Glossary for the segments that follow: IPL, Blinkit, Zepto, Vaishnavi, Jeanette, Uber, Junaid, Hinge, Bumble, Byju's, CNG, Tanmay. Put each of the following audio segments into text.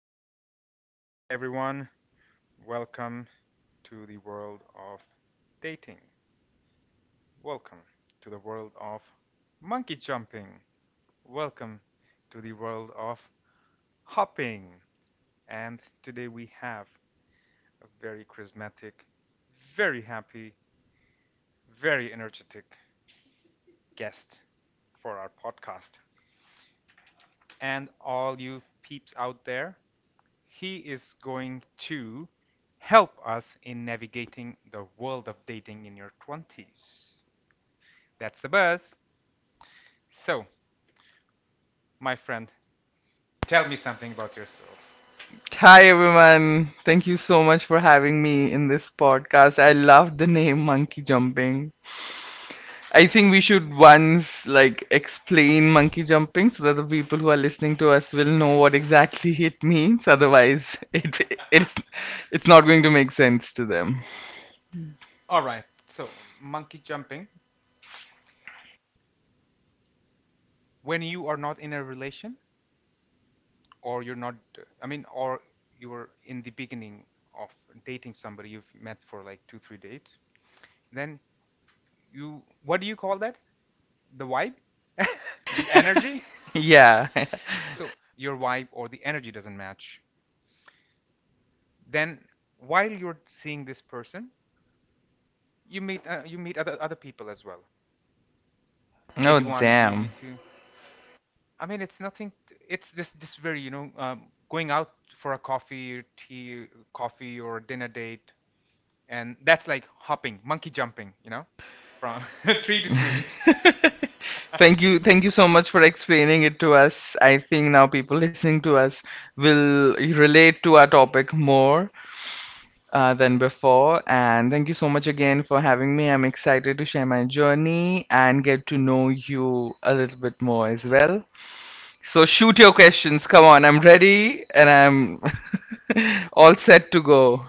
good afternoon, good evening, everyone. Welcome to the world of dating. Welcome to the world of monkey jumping. Welcome to the world of hopping. And today we have a very charismatic, very happy, very energetic guest for our podcast. And all you peeps out there, he is going to help us in navigating the world of dating in your 20s. That's the buzz. So, my friend, tell me something about yourself. Monkey jumping. I think we should once like explain monkey jumping so that the people who are listening to us will know what exactly it means. Otherwise, it's it's not going to make sense to them. All right. So, monkey jumping. When you are not in a relation, or you're not, I mean, or you're in the beginning of dating somebody you've met for like two, three dates, then you, what do you call that? The vibe? The energy? Yeah. So, your vibe or the energy doesn't match. Then, while you're seeing this person, you meet other people as well. Maybe Oh one, maybe damn. two. I mean, it's nothing. It's just very going out for a coffee, or tea, coffee or dinner date, and that's like hopping, monkey jumping, you know, from tree to tree. Thank you so much for explaining it to us. I think now people listening to us will relate to our topic more, than before. And thank you so much again for having me. I'm excited to share my journey and get to know you a little bit more as well. So, shoot your questions. Come on, I'm ready and I'm all set to go.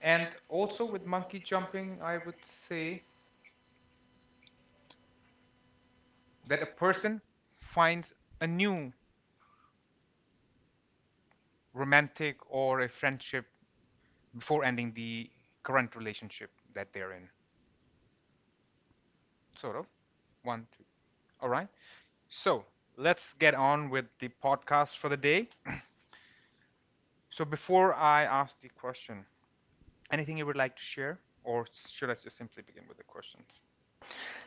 And also with monkey jumping, I would say that a person finds a new romantic or a friendship before ending the current relationship that they're in. Sort of. One, two. All right. So let's get on with the podcast for the day. So before I ask the question, anything you would like to share, or should I just simply begin with the questions?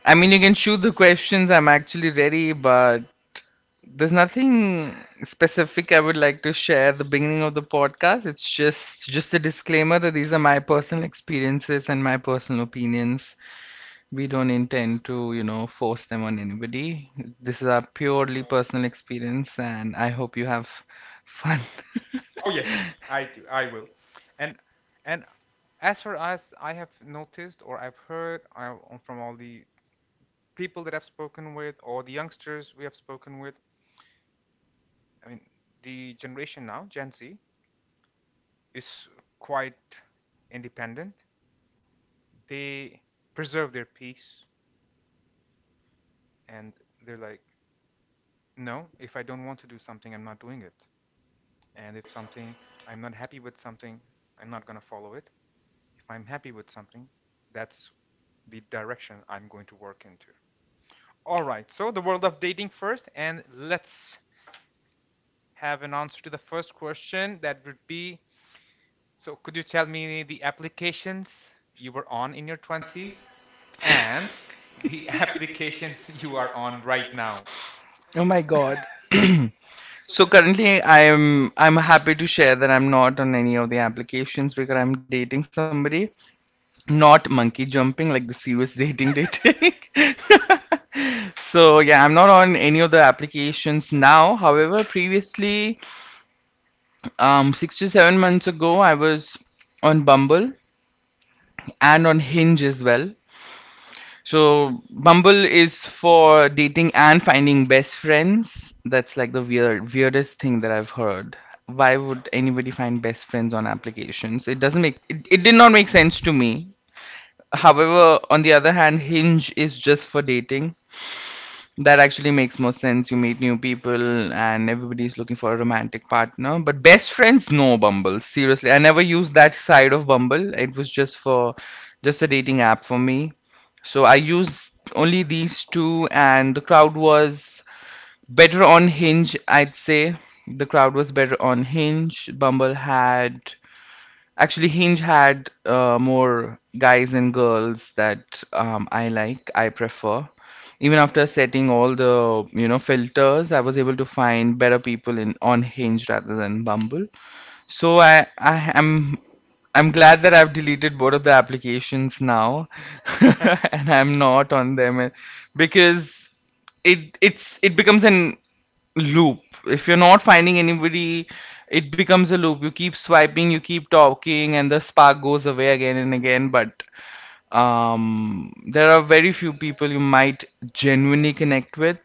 I mean, you can shoot the questions. I'm actually ready, but there's nothing specific I would like to share at the beginning of the podcast. It's just a disclaimer that these are my personal experiences and my personal opinions. We don't intend to, you know, force them on anybody. This is a purely personal experience, and I hope you have fun. Oh yes, I do. I will. And and as far as I have noticed or I've heard, from all the people that I've spoken with or the youngsters we have spoken with, I mean, the generation now, Gen Z, is quite independent. They preserve their peace, and they're like, no, if I don't want to do something, I'm not doing it. And if something, I'm not happy with something, I'm not going to follow it. If I'm happy with something, that's the direction I'm going to work into. All right, so the world of dating first, and let's have an answer to the first question. That would be, so, could you tell me the applications you were on in your 20s and the applications you are on right now? Oh my God. So currently I'm happy to share that I'm not on any of the applications because I'm dating somebody, not monkey jumping like the serious dating. So yeah, I'm not on any of the applications now. However, previously, 6 to 7 months ago, I was on Bumble and on Hinge as well. So Bumble is for dating and finding best friends. That's like the weirdest thing that I've heard. Why would anybody find best friends on applications? It doesn't make it, it did not make sense to me. However, on the other hand, Hinge is just for dating. That actually makes more sense. You meet new people and everybody's looking for a romantic partner. But best friends, no Bumble. Seriously, I never used that side of Bumble. It was just a dating app for me, so I used only these two, and the crowd was better on Hinge, I'd say. The crowd was better on Hinge. Bumble had actually Hinge had more guys and girls that I like, I prefer. Even after setting all the you know filters, I was able to find better people in on Hinge rather than Bumble. So I am I'm glad that I've deleted both of the applications now. And I'm not on them because it becomes an loop. If you're not finding anybody, it becomes a loop. You keep swiping, you keep talking and the spark goes away again and again, but there are very few people you might genuinely connect with,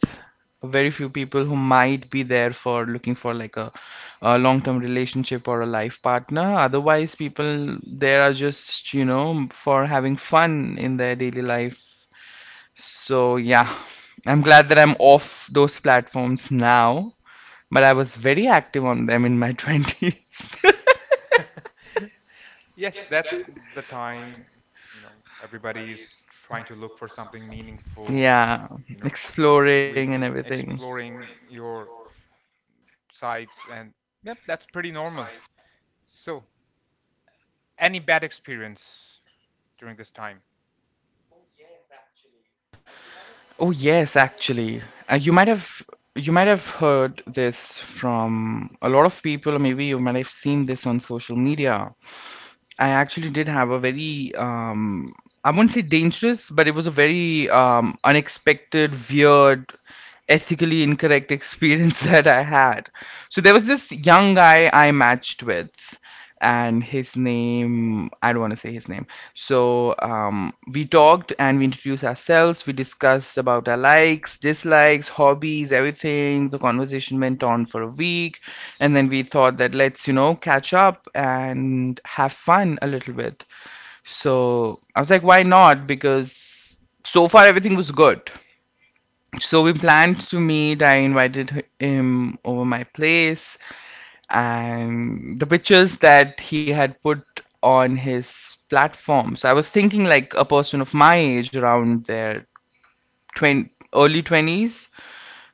very few people who might be there for looking for like a long-term relationship or a life partner. Otherwise people there are just you know for having fun in their daily life, so yeah, I'm glad that I'm off those platforms now, but I was very active on them in my 20s. Yes, that's the time, you know, everybody is trying to look for something meaningful, Yeah, you know, exploring with and everything. exploring your sites and yep, that's pretty normal. So, any bad experience during this time? Oh yes, actually, uh, you might have you might have heard this from a lot of people. Maybe you might have seen this on social media. I actually did have a very I won't say dangerous, but it was a very unexpected, weird, ethically incorrect experience that I had. So there was this young guy I matched with, and his name, I don't want to say his name, so we talked and we introduced ourselves. We discussed about our likes, dislikes, hobbies, everything. The conversation went on for a week, and then we thought that let's you know catch up and have fun a little bit. So I was like, why not? Because so far everything was good. So we planned to meet. I invited him over my place, and the pictures that he had put on his platforms, I was thinking like a person of my age around their 20, early 20s,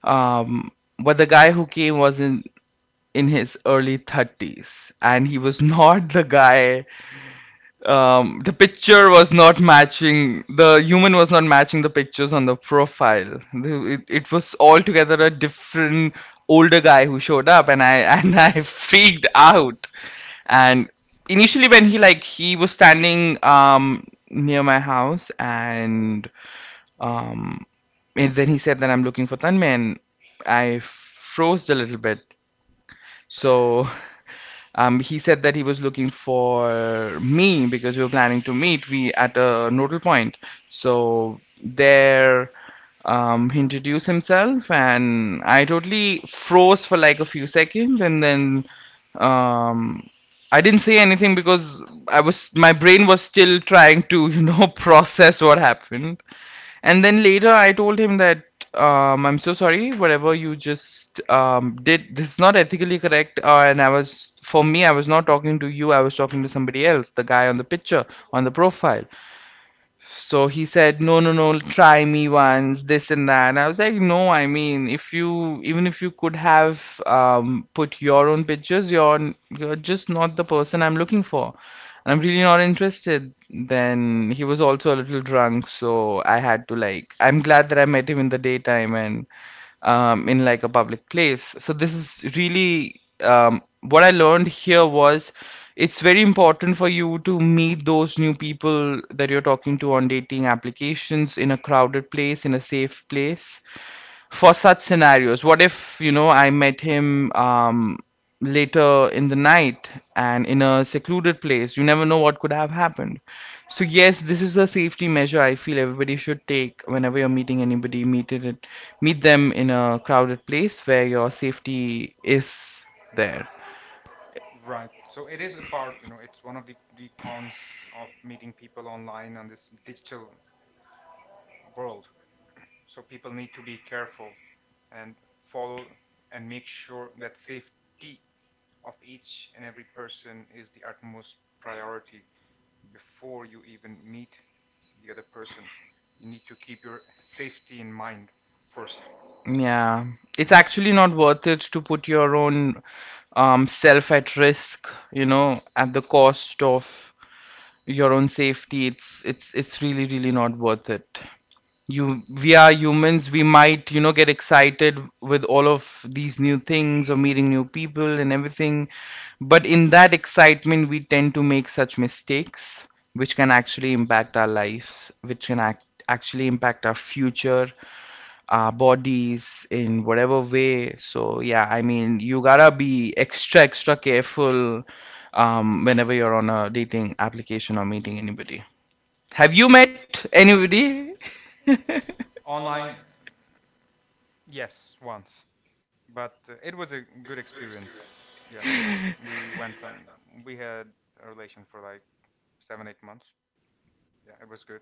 um, but the guy who came was in his early 30s and he was not the guy. The picture was not matching, the human was not matching the pictures on the profile. It, it was altogether a different older guy who showed up, and I and I freaked out. And initially, when he like he was standing near my house, um and then he said that, "I'm looking for Tanmay," and I froze a little bit. So he said that he was looking for me because we were planning to meet we at a nodal point. So there he introduced himself and I totally froze for like a few seconds, and then um, I didn't say anything because I was my brain was still trying to you know process what happened. And then later I told him that, "I'm so sorry, whatever you just did, this is not ethically correct. And I was, for me, I was not talking to you, I was talking to somebody else, the guy on the picture, on the profile." So he said, "No, no, no, try me once, this and that." And I was like, "No, I mean, if you even if you could have put your own pictures, you're just not the person I'm looking for, and I'm really not interested." Then he was also a little drunk, so I had to like. I'm glad that I met him in the daytime and in like a public place. So this is really what I learned here was it's very important for you to meet those new people that you're talking to on dating applications in a crowded place, in a safe place for such scenarios. What if you know I met him later in the night and in a secluded place? You never know what could have happened. So yes, this is a safety measure I feel everybody should take. Whenever you're meeting anybody, meet them in a crowded place where your safety is there. Right. So it is a part, you know, it's one of the cons of meeting people online on this digital world. So people need to be careful and follow and make sure that safety of each and every person is the utmost priority before you even meet the other person. You need to keep your safety in mind first. Yeah, it's actually not worth it to put your own self at risk, you know, at the cost of your own safety. It's really really not worth it. You, we are humans, we might you know get excited with all of these new things or meeting new people and everything, but in that excitement we tend to make such mistakes which can actually impact our lives, which actually impact our future, our bodies in whatever way. So yeah, I mean, you gotta be extra extra careful whenever you're on a dating application or meeting anybody. Have you met anybody? Online, yes, once, but it was a good experience. Yeah, we went on. We had a relation for like seven, 8 months. Yeah, it was good.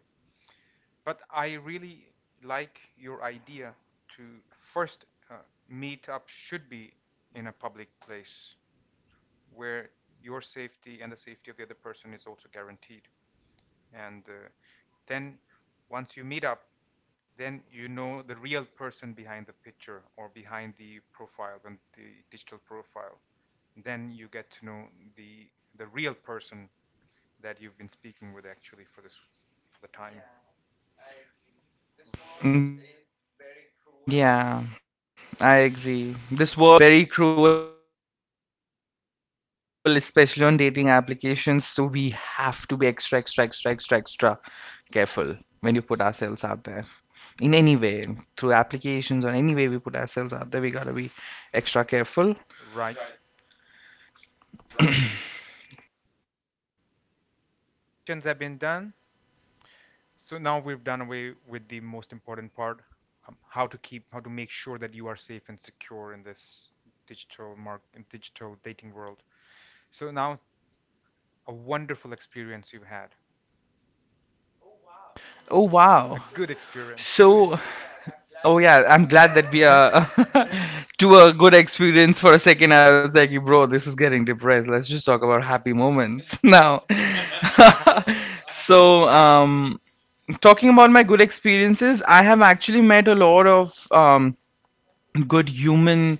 But I really like your idea to first uh, meet up should be in a public place where your safety and the safety of the other person is also guaranteed. And then once you meet up, then you know the real person behind the picture or behind the profile and the digital profile. Then you get to know the the real person that you've been speaking with actually for this for the time. Yeah. Yeah, I agree. This world is very cruel, and a lot of people out there are very cruel, especially on dating applications. So we have to be extra, extra, extra, extra, extra careful when you put ourselves out there in any way, through applications or any way we put ourselves out there. We gotta be extra careful. Right. Questions have been done. So now we've done away with the most important part, how to keep, how to make sure that you are safe and secure in this digital mark, digital dating world. So now a wonderful experience you had, Oh wow! a Yes. good experience. So oh yeah, I'm glad that we are to a good experience for a second. I was like, bro, this is getting depressed. Let's just talk about happy moments now. So, talking about my good experiences, I have actually met a lot of good human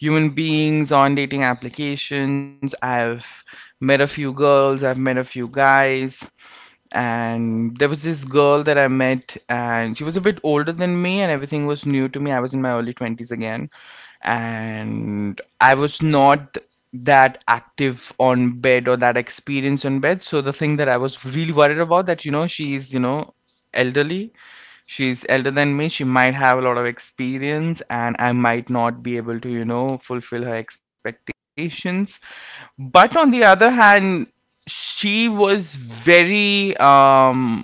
human beings on dating applications. I've met a few girls. I've met a few guys, and there was this girl that I met, and she was a bit older than me, and everything was new to me. I was in my early 20s again, and I was not that active on bed or that experienced on bed. So the thing that I was really worried about that she is elderly. She's elder than me. She might have a lot of experience, and I might not be able to fulfill her expectations. But on the other hand, she was very um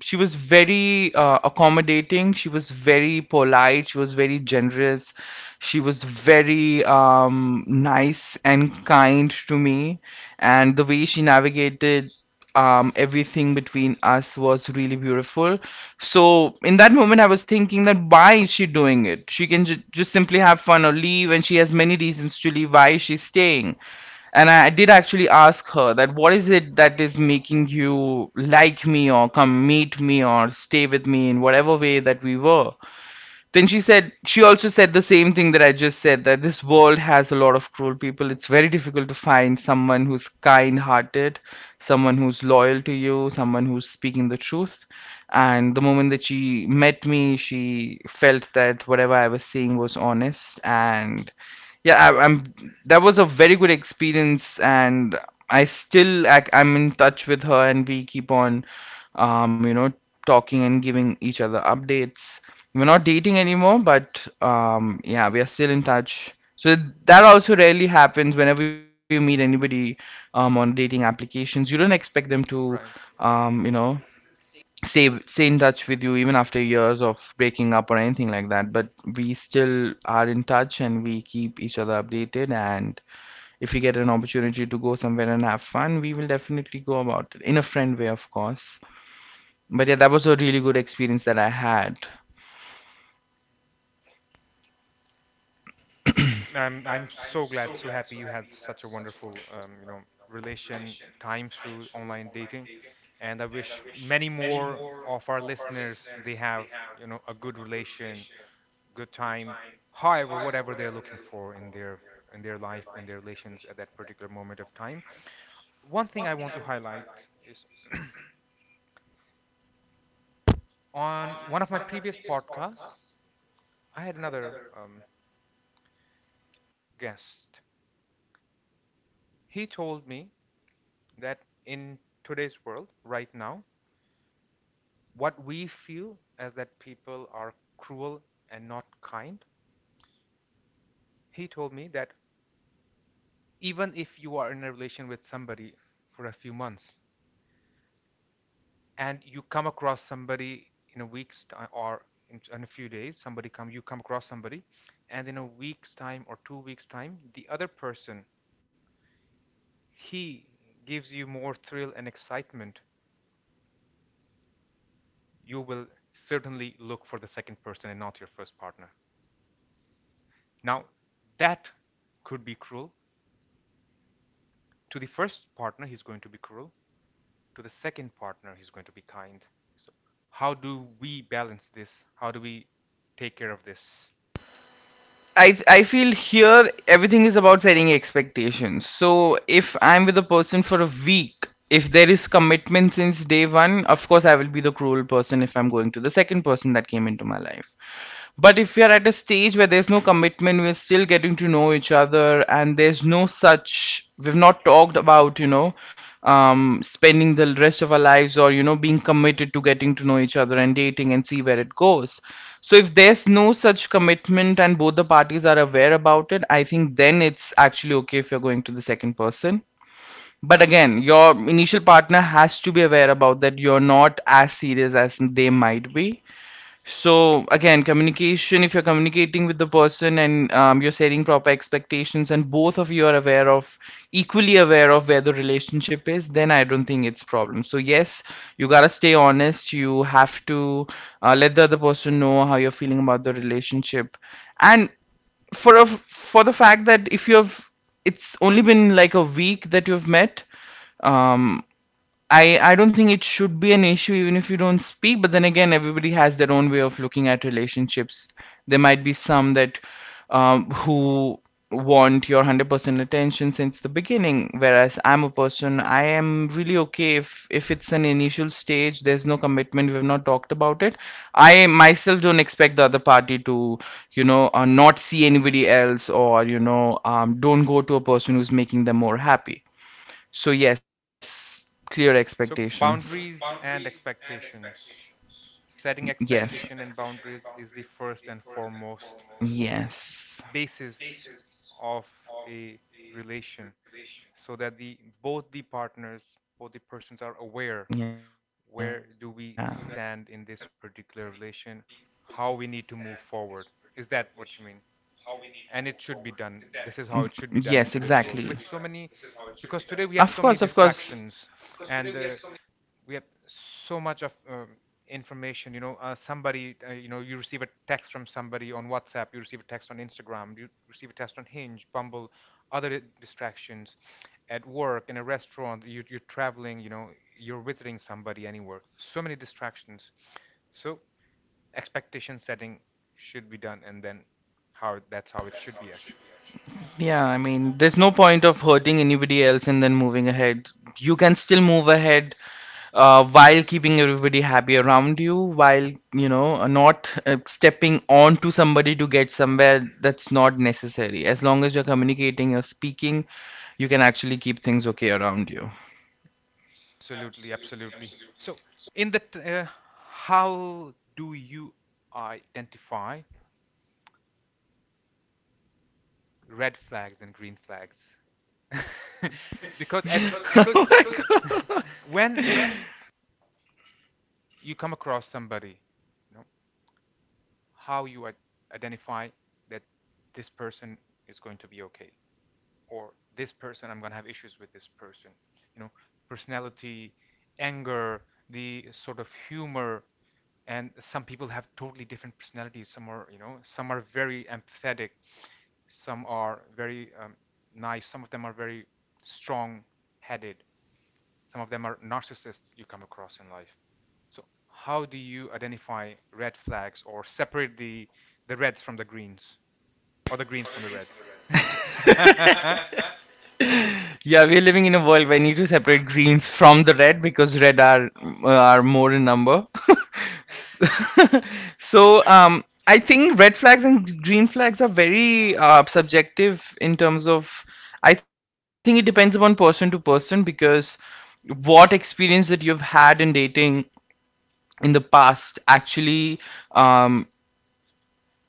she was very accommodating. She was very polite. She was very generous. She was very nice and kind to me. And the way she navigated everything between us was really beautiful. So in that moment, I was thinking that why is she doing it. She can just simply have fun or leave, and she has many reasons to leave. Why is she staying? And I did actually ask her that what is it that is making you like me or come meet me or stay with me in whatever way that we were. Then she also said the same thing that I just said, that this world has a lot of cruel people. It's very difficult to find someone who's kind hearted, someone who's loyal to you, someone who's speaking the truth. And the moment that she met me, she felt that whatever I was saying was honest, and yeah I, I'm that was a very good experience. And I still I'm in touch with her, and we keep on um you know talking and giving each other updates. We're not dating anymore, but yeah, we are still in touch. So that also rarely happens whenever you meet anybody on dating applications. You don't expect them to, Right. um, you know, Mhm. stay in touch with you even after years of breaking up or anything like that. But we still are in touch, and we keep each other updated. And if we get an opportunity to go somewhere and have fun, we will definitely go about it in a friend way, of course. But yeah, that was a really good experience that I had. I'm so glad, so happy you had such a wonderful, you know, relation time through online dating, and I wish many more of our listeners they have, you know, a good relation, good time, however, whatever they're looking for in their life, in their relations at that particular moment of time. One thing I want to highlight is on one of my previous podcasts, I had another guest. He told me that in today's world, right now, what we feel as that people are cruel and not kind, he told me that even if you are in a relation with somebody for a few months, and you come across somebody in a week's time or in a few days somebody come you come across somebody, and in a week's time or 2 weeks time the other person, he gives you more thrill and excitement, you will certainly look for the second person and not your first partner. Now that could be cruel. To the first partner he's going to be cruel, to the second partner he's going to be kind. So how do we balance this? How do we take care of this? I feel here everything is about setting expectations. So if I'm with a person for a week, if there is commitment since day one, of course I will be the cruel person if I'm going to the second person that came into my life. But if we are at a stage where there's no commitment, we're still getting to know each other, and there's no such, we've not talked about, spending the rest of our lives or, being committed to getting to know each other and dating and see where it goes. So if there's no such commitment and both the parties are aware about it, I think then it's actually okay if you're going to the second person. But again, your initial partner has to be aware about that you're not as serious as they might be. So again, communication, if you're communicating with the person and you're setting proper expectations and both of you are aware of, equally aware of where the relationship is, then I don't think it's problem. So yes, you gotta stay honest. You have to let the other person know how you're feeling about the relationship. And for a, for the fact that if you've, it's only been like a week that you've met, um I don't think it should be an issue even if you don't speak. But then again, everybody has their own way of looking at relationships. There might be some that who want your 100% attention since the beginning. Whereas I'm a person I am really okay if it's an initial stage, there's no commitment, we've not talked about it. I myself don't expect the other party to not see anybody else, or don't go to a person who's making them more happy. So, yes, clear So expectations. boundaries and expectations. Setting Yes. expectation and boundaries is the first and foremost Yes. basis of a relation so Yeah. that the both the partners, both the persons are aware where do we stand in this particular relation, how we need to move forward. Is that what you mean? Mm, yes, And it should be exactly. done. This is how it should be done in today's Of world. With course, so of many, course. because today we have so many distractions, and we have so much of information, you know, somebody, you know, you receive a text from somebody on WhatsApp, you receive a text on Instagram, you receive a text on Hinge, Bumble, other distractions, at work, in a restaurant, you, you're traveling, you know, you're visiting somebody, anywhere, so many distractions. So expectation setting should be done, and then how, that's how it should be actually. Yeah, I mean, there's no point of hurting anybody else and then moving ahead. You can still move ahead while keeping everybody happy around you, while not stepping on to somebody to get somewhere that's not necessary. As long as you're communicating, you're speaking, you can actually keep things okay around you. Absolutely, absolutely. So in the how do you identify red flags and green flags because at because Oh my when you come across somebody, you know, how you identify that this person is going to be okay, or this person, I'm going to have issues with this person, you know, personality, anger, the sort of humor. And some people have totally different personalities, some are, you know, some are very empathetic, some are very nice, some of them are very strong headed, some of them are narcissists you come across in life. So how do you identify red flags or separate the reds from the greens, or the greens from the reds? God. Yeah, we're living in a world where we need to separate greens from the red because red are more in number. So I think red flags and green flags are very subjective in terms of. I think it depends upon person to person because what experience that you've had in dating in the past actually um,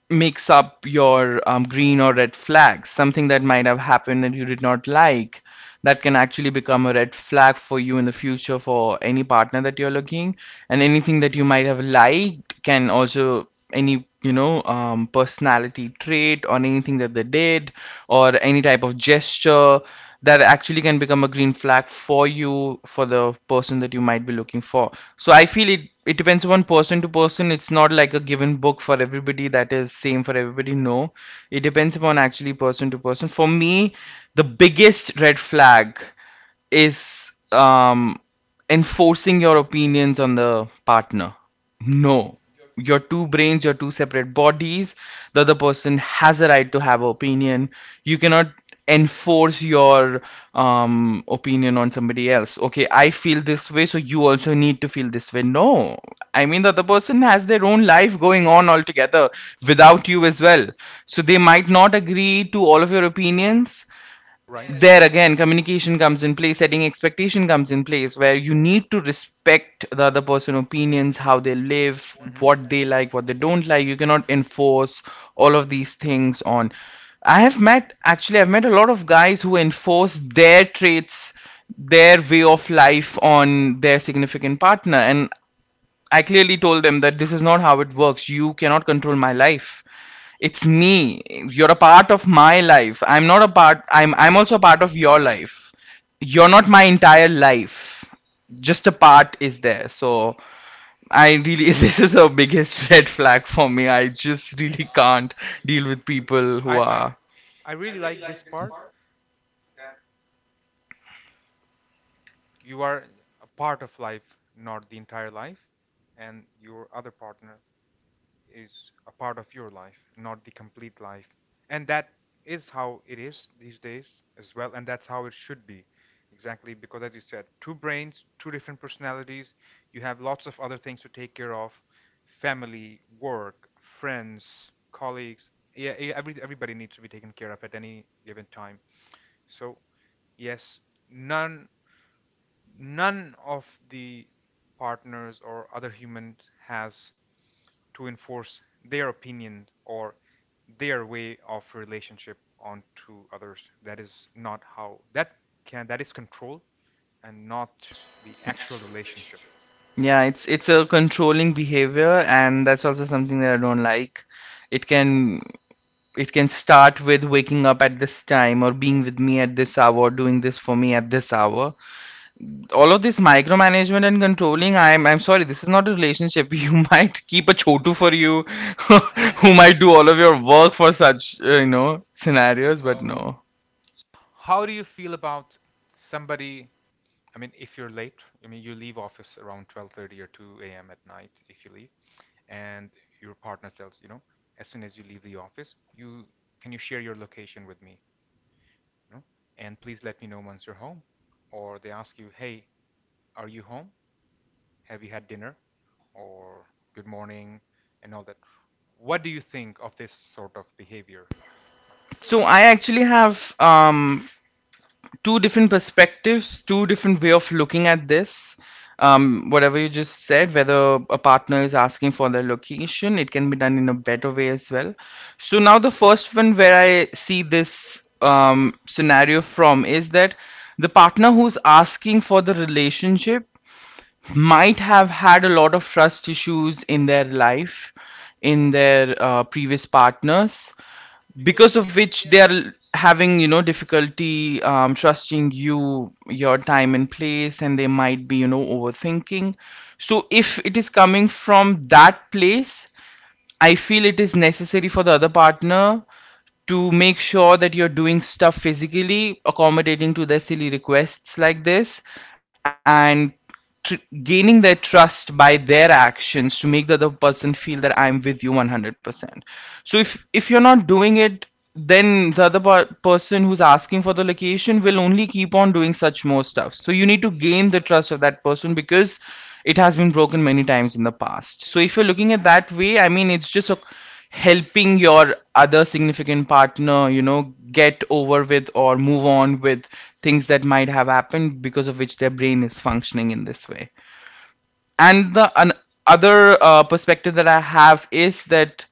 makes up your green or red flags. Something that might have happened that you did not like, that can actually become a red flag for you in the future for any partner that you're looking. And anything that you might have liked can also, any, personality trait or anything that they did or any type of gesture that actually can become a green flag for you for the person that you might be looking for. So I feel it depends on person to person. It's not like a given book for everybody that is same for everybody. No. It depends upon actually person to person. For me, the biggest red flag is enforcing your opinions on the partner. No. Your two brains, your two separate bodies, the other person has a right to have an opinion. You cannot enforce your opinion on somebody else. Okay, I feel this way, so you also need to feel this way. No. I mean, the other person has their own life going on altogether without you as well. So they might not agree to all of your opinions. Right. There again, communication comes in place. Setting expectation comes in place where you need to respect the other person opinions, how they live, Mhm. what they like, what they don't like. You cannot enforce all of these things on. I've met a lot of guys who enforce their traits, their way of life, on their significant partner. And I clearly told them that this is not how it works. You cannot control my life. It's me. You're a part of my life. I'm not a part I'm also a part of your life. You're not my entire life. Just a part is there. So I really. This is a biggest red flag for me. I just really can't deal with people who I are. I really like this part. You are a part of life, not the entire life, and your other partner is a part of your life, not the complete life. And that is how it is these days as well, and that's how it should be. Exactly, because as you said, two brains, two different personalities, you have lots of other things to take care of, family, work, friends, colleagues. Yeah, every, everybody needs to be taken care of at any given time. So, yes, none none of the partners or other human has to enforce their opinion or their way of relationship onto others. That is not how that can, that is control and not the actual relationship. Yeah, it's a controlling behavior, and that's also something that I don't like. It can It can start with waking up at this time or being with me at this hour, doing this for me at this hour. All of this micromanagement and controlling, I'm sorry, this is not a relationship. You might keep a chotu for you, who might do all of your work for such scenarios, but no. How do you feel about somebody? I mean, if you're late, I mean, you leave office around 12:30 or 2 a.m. at night if you leave, and your partner tells, you know, as soon as you leave the office, you can, you share your location with me? You know, and please let me know once you're home. Or they ask you, hey, are you home? Have you had dinner? Or good morning, and all that. What do you think of this sort of behavior? So I actually have two different perspectives, two different way of looking at this. Whatever you just said, whether a partner is asking for the location, it can be done in a better way as well. So now the first one where I see this scenario from is that the partner who's asking for the relationship might have had a lot of trust issues in their life, in their previous partners, Because could of because of which which they they are. are having, difficulty trusting you, your time and place, and they might be, overthinking. So if it is coming from that place, I feel it is necessary for the other partner to make sure that you're doing stuff physically, accommodating to their silly requests like this, and tr- gaining their trust by their actions to make the other person feel that I'm with you 100%. So if you're not doing it, then the other person who's asking for the location will only keep on doing such more stuff. So you need to gain the trust of that person because it has been broken many times in the past. So if you're looking at that way, I mean, it's just a, helping your other significant partner, get over with or move on with things that might have happened because of which their brain is functioning in this way. And the other perspective that I have is that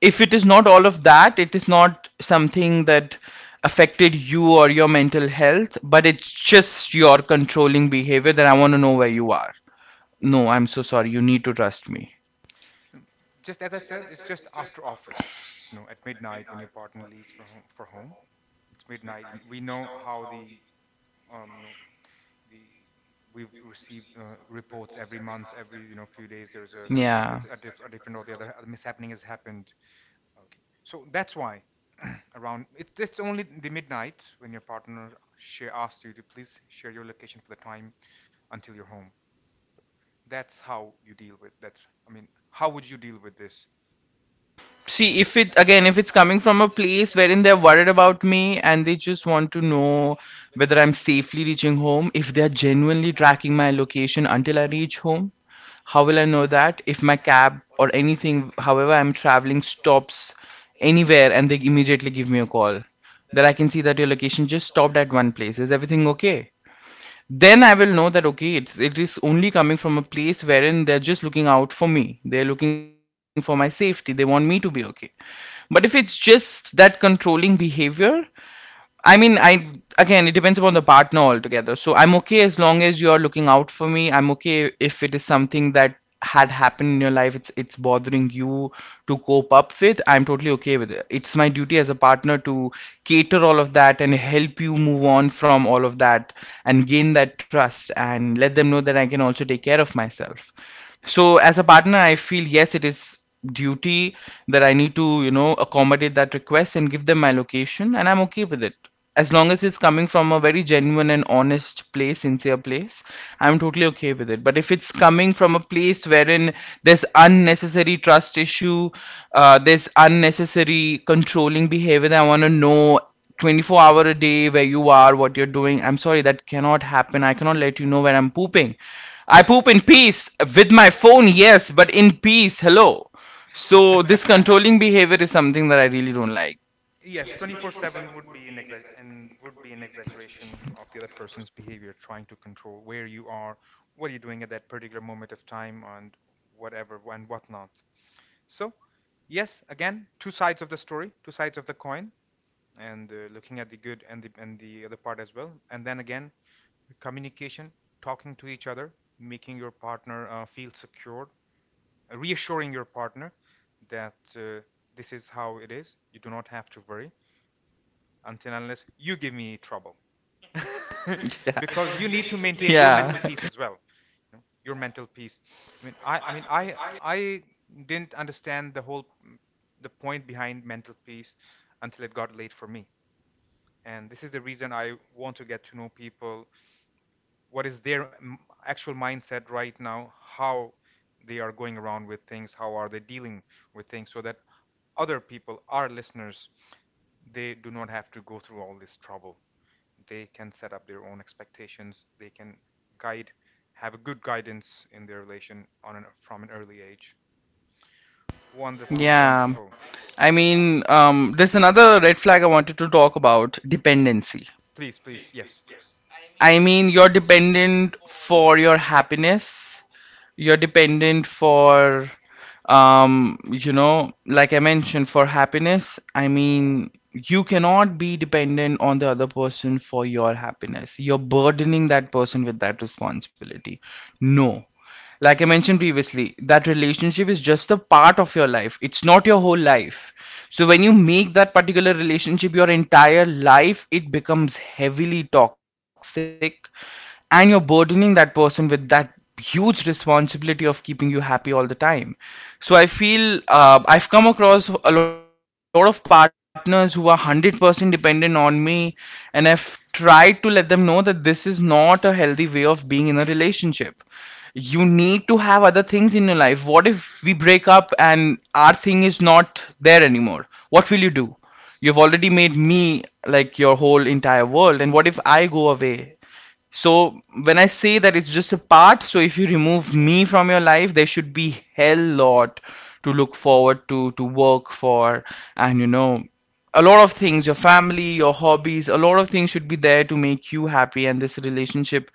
if it is not all of that, it is not something that affected you or your mental health, but it's just your controlling behavior that I want to know where you are. No, I'm so sorry. You need to trust me. Just as I said, it's just after office. You know, at midnight when your partner leaves for home, it's midnight. And we know how the, you know, the we've received reports every month, every, you know, few days. There's a, yeah, Yeah. it's a, a different, or the other, a mishappening has happened. Okay, so that's why around it's only the midnight when your partner share asks you to please share your location for the time until you're home. That's how you deal with that. I mean, how would you deal with this? See, if it again, if it's coming from a place wherein they're worried about me and they just want to know whether I'm safely reaching home, if they're genuinely tracking my location until I reach home, how will I know that if my cab or anything however I'm traveling stops anywhere and they immediately give me a call that I can see that your location just stopped at one place, is everything okay? Then I will know that okay, it is only coming from a place wherein they're just looking out for me. They're looking for my safety. They want me to be okay. But if it's just that controlling behavior, I mean, I again, it depends upon the partner altogether. So I'm okay as long as you're looking out for me. I'm okay if it is something that had happened in your life. It's bothering you to cope up with. I'm totally okay with it. It's my duty as a partner to cater all of that and help you move on from all of that and gain that trust and let them know that I can also take care of myself. So as a partner, I feel yes, it is duty that I need to, accommodate that request and give them my location, and I'm okay with it. As long as it's coming from a very genuine and honest place, sincere place, I'm totally okay with it. But if it's coming from a place wherein there's unnecessary trust issue, there's unnecessary controlling behavior that I want to know 24 hour a day where you are, what you're doing, I'm sorry, that cannot happen. I cannot let you know when I'm pooping. I poop in peace with my phone, yes, but in peace, hello. So this So controlling this controlling behavior behavior is is something. something that I really don't like. Yes, 24/7 would be an exa- and would be an exaggeration of the other person's behavior trying to control where you are, what you're doing at that particular moment of time, and whatever and whatnot. So yes, again, two sides of the story, two sides of the coin, and looking at the good and the other part as well. And then again, communication, talking to each other, making your partner feel secure, reassuring your partner that this is how it is. You do not have to worry until unless you give me trouble, because you need to maintain your mental Yeah. peace as Yeah. well. You know, your mental peace. I didn't understand the whole the point behind mental peace until it got late for me, and this is the reason I want to get to know people, what is their actual mindset right now, how they are going around with things, how are they dealing with things, so that other people, our listeners, they do not have to go through all this trouble. They can set up their own expectations, they can guide, have a good guidance in their relation from an early age. Wonderful, yeah. Wonderful. Yeah. I I mean, mean, there's another red flag I wanted to talk about dependency. Please, please, yes. I mean, you're dependent for your happiness. You're dependent for like I mentioned, for happiness. I mean, you cannot be dependent on the other person for your happiness. You're burdening that person with that responsibility. No. Like I mentioned previously, that relationship is just a part of your life. It's not your whole life. So when you make that particular relationship your entire life, it becomes heavily toxic, and you're burdening that person with that huge responsibility of keeping you happy all the time. So I feel I've come across a lot of partners who are 100% dependent on me. And I've tried to let them know that this is not a healthy way of being in a relationship. You need to have other things in your life. What if we break up and our thing is not there anymore? What will you do? You've already made me like your whole entire world. And what if I go away? So when I say that it's just a part, so if you remove me from your life, there should be hell lot to look forward to work for, and a lot of things, your family, your hobbies, a lot of things should be there to make you happy. And this relationship,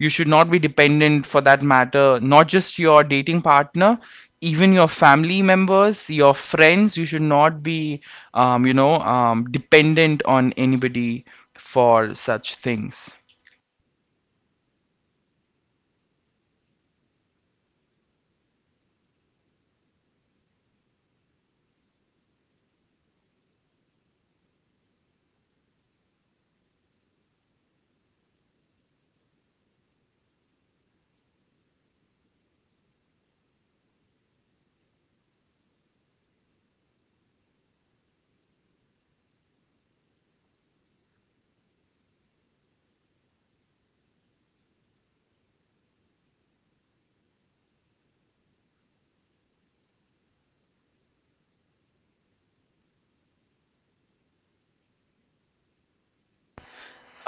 you should not be dependent for that matter, not just your dating partner, even your family members, your friends, you should not be, dependent on anybody for such things.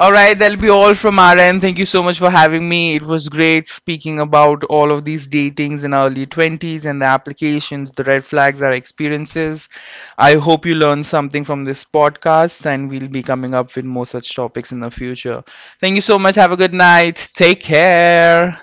All right, that'll be all from our end. Thank you so much for having me. It was great speaking about all of these datings in early 20s and the applications, the red flags, our experiences. I hope you learned something from this podcast, and we'll be coming up with more such topics in the future. Thank you so much. Have a good night. Take care.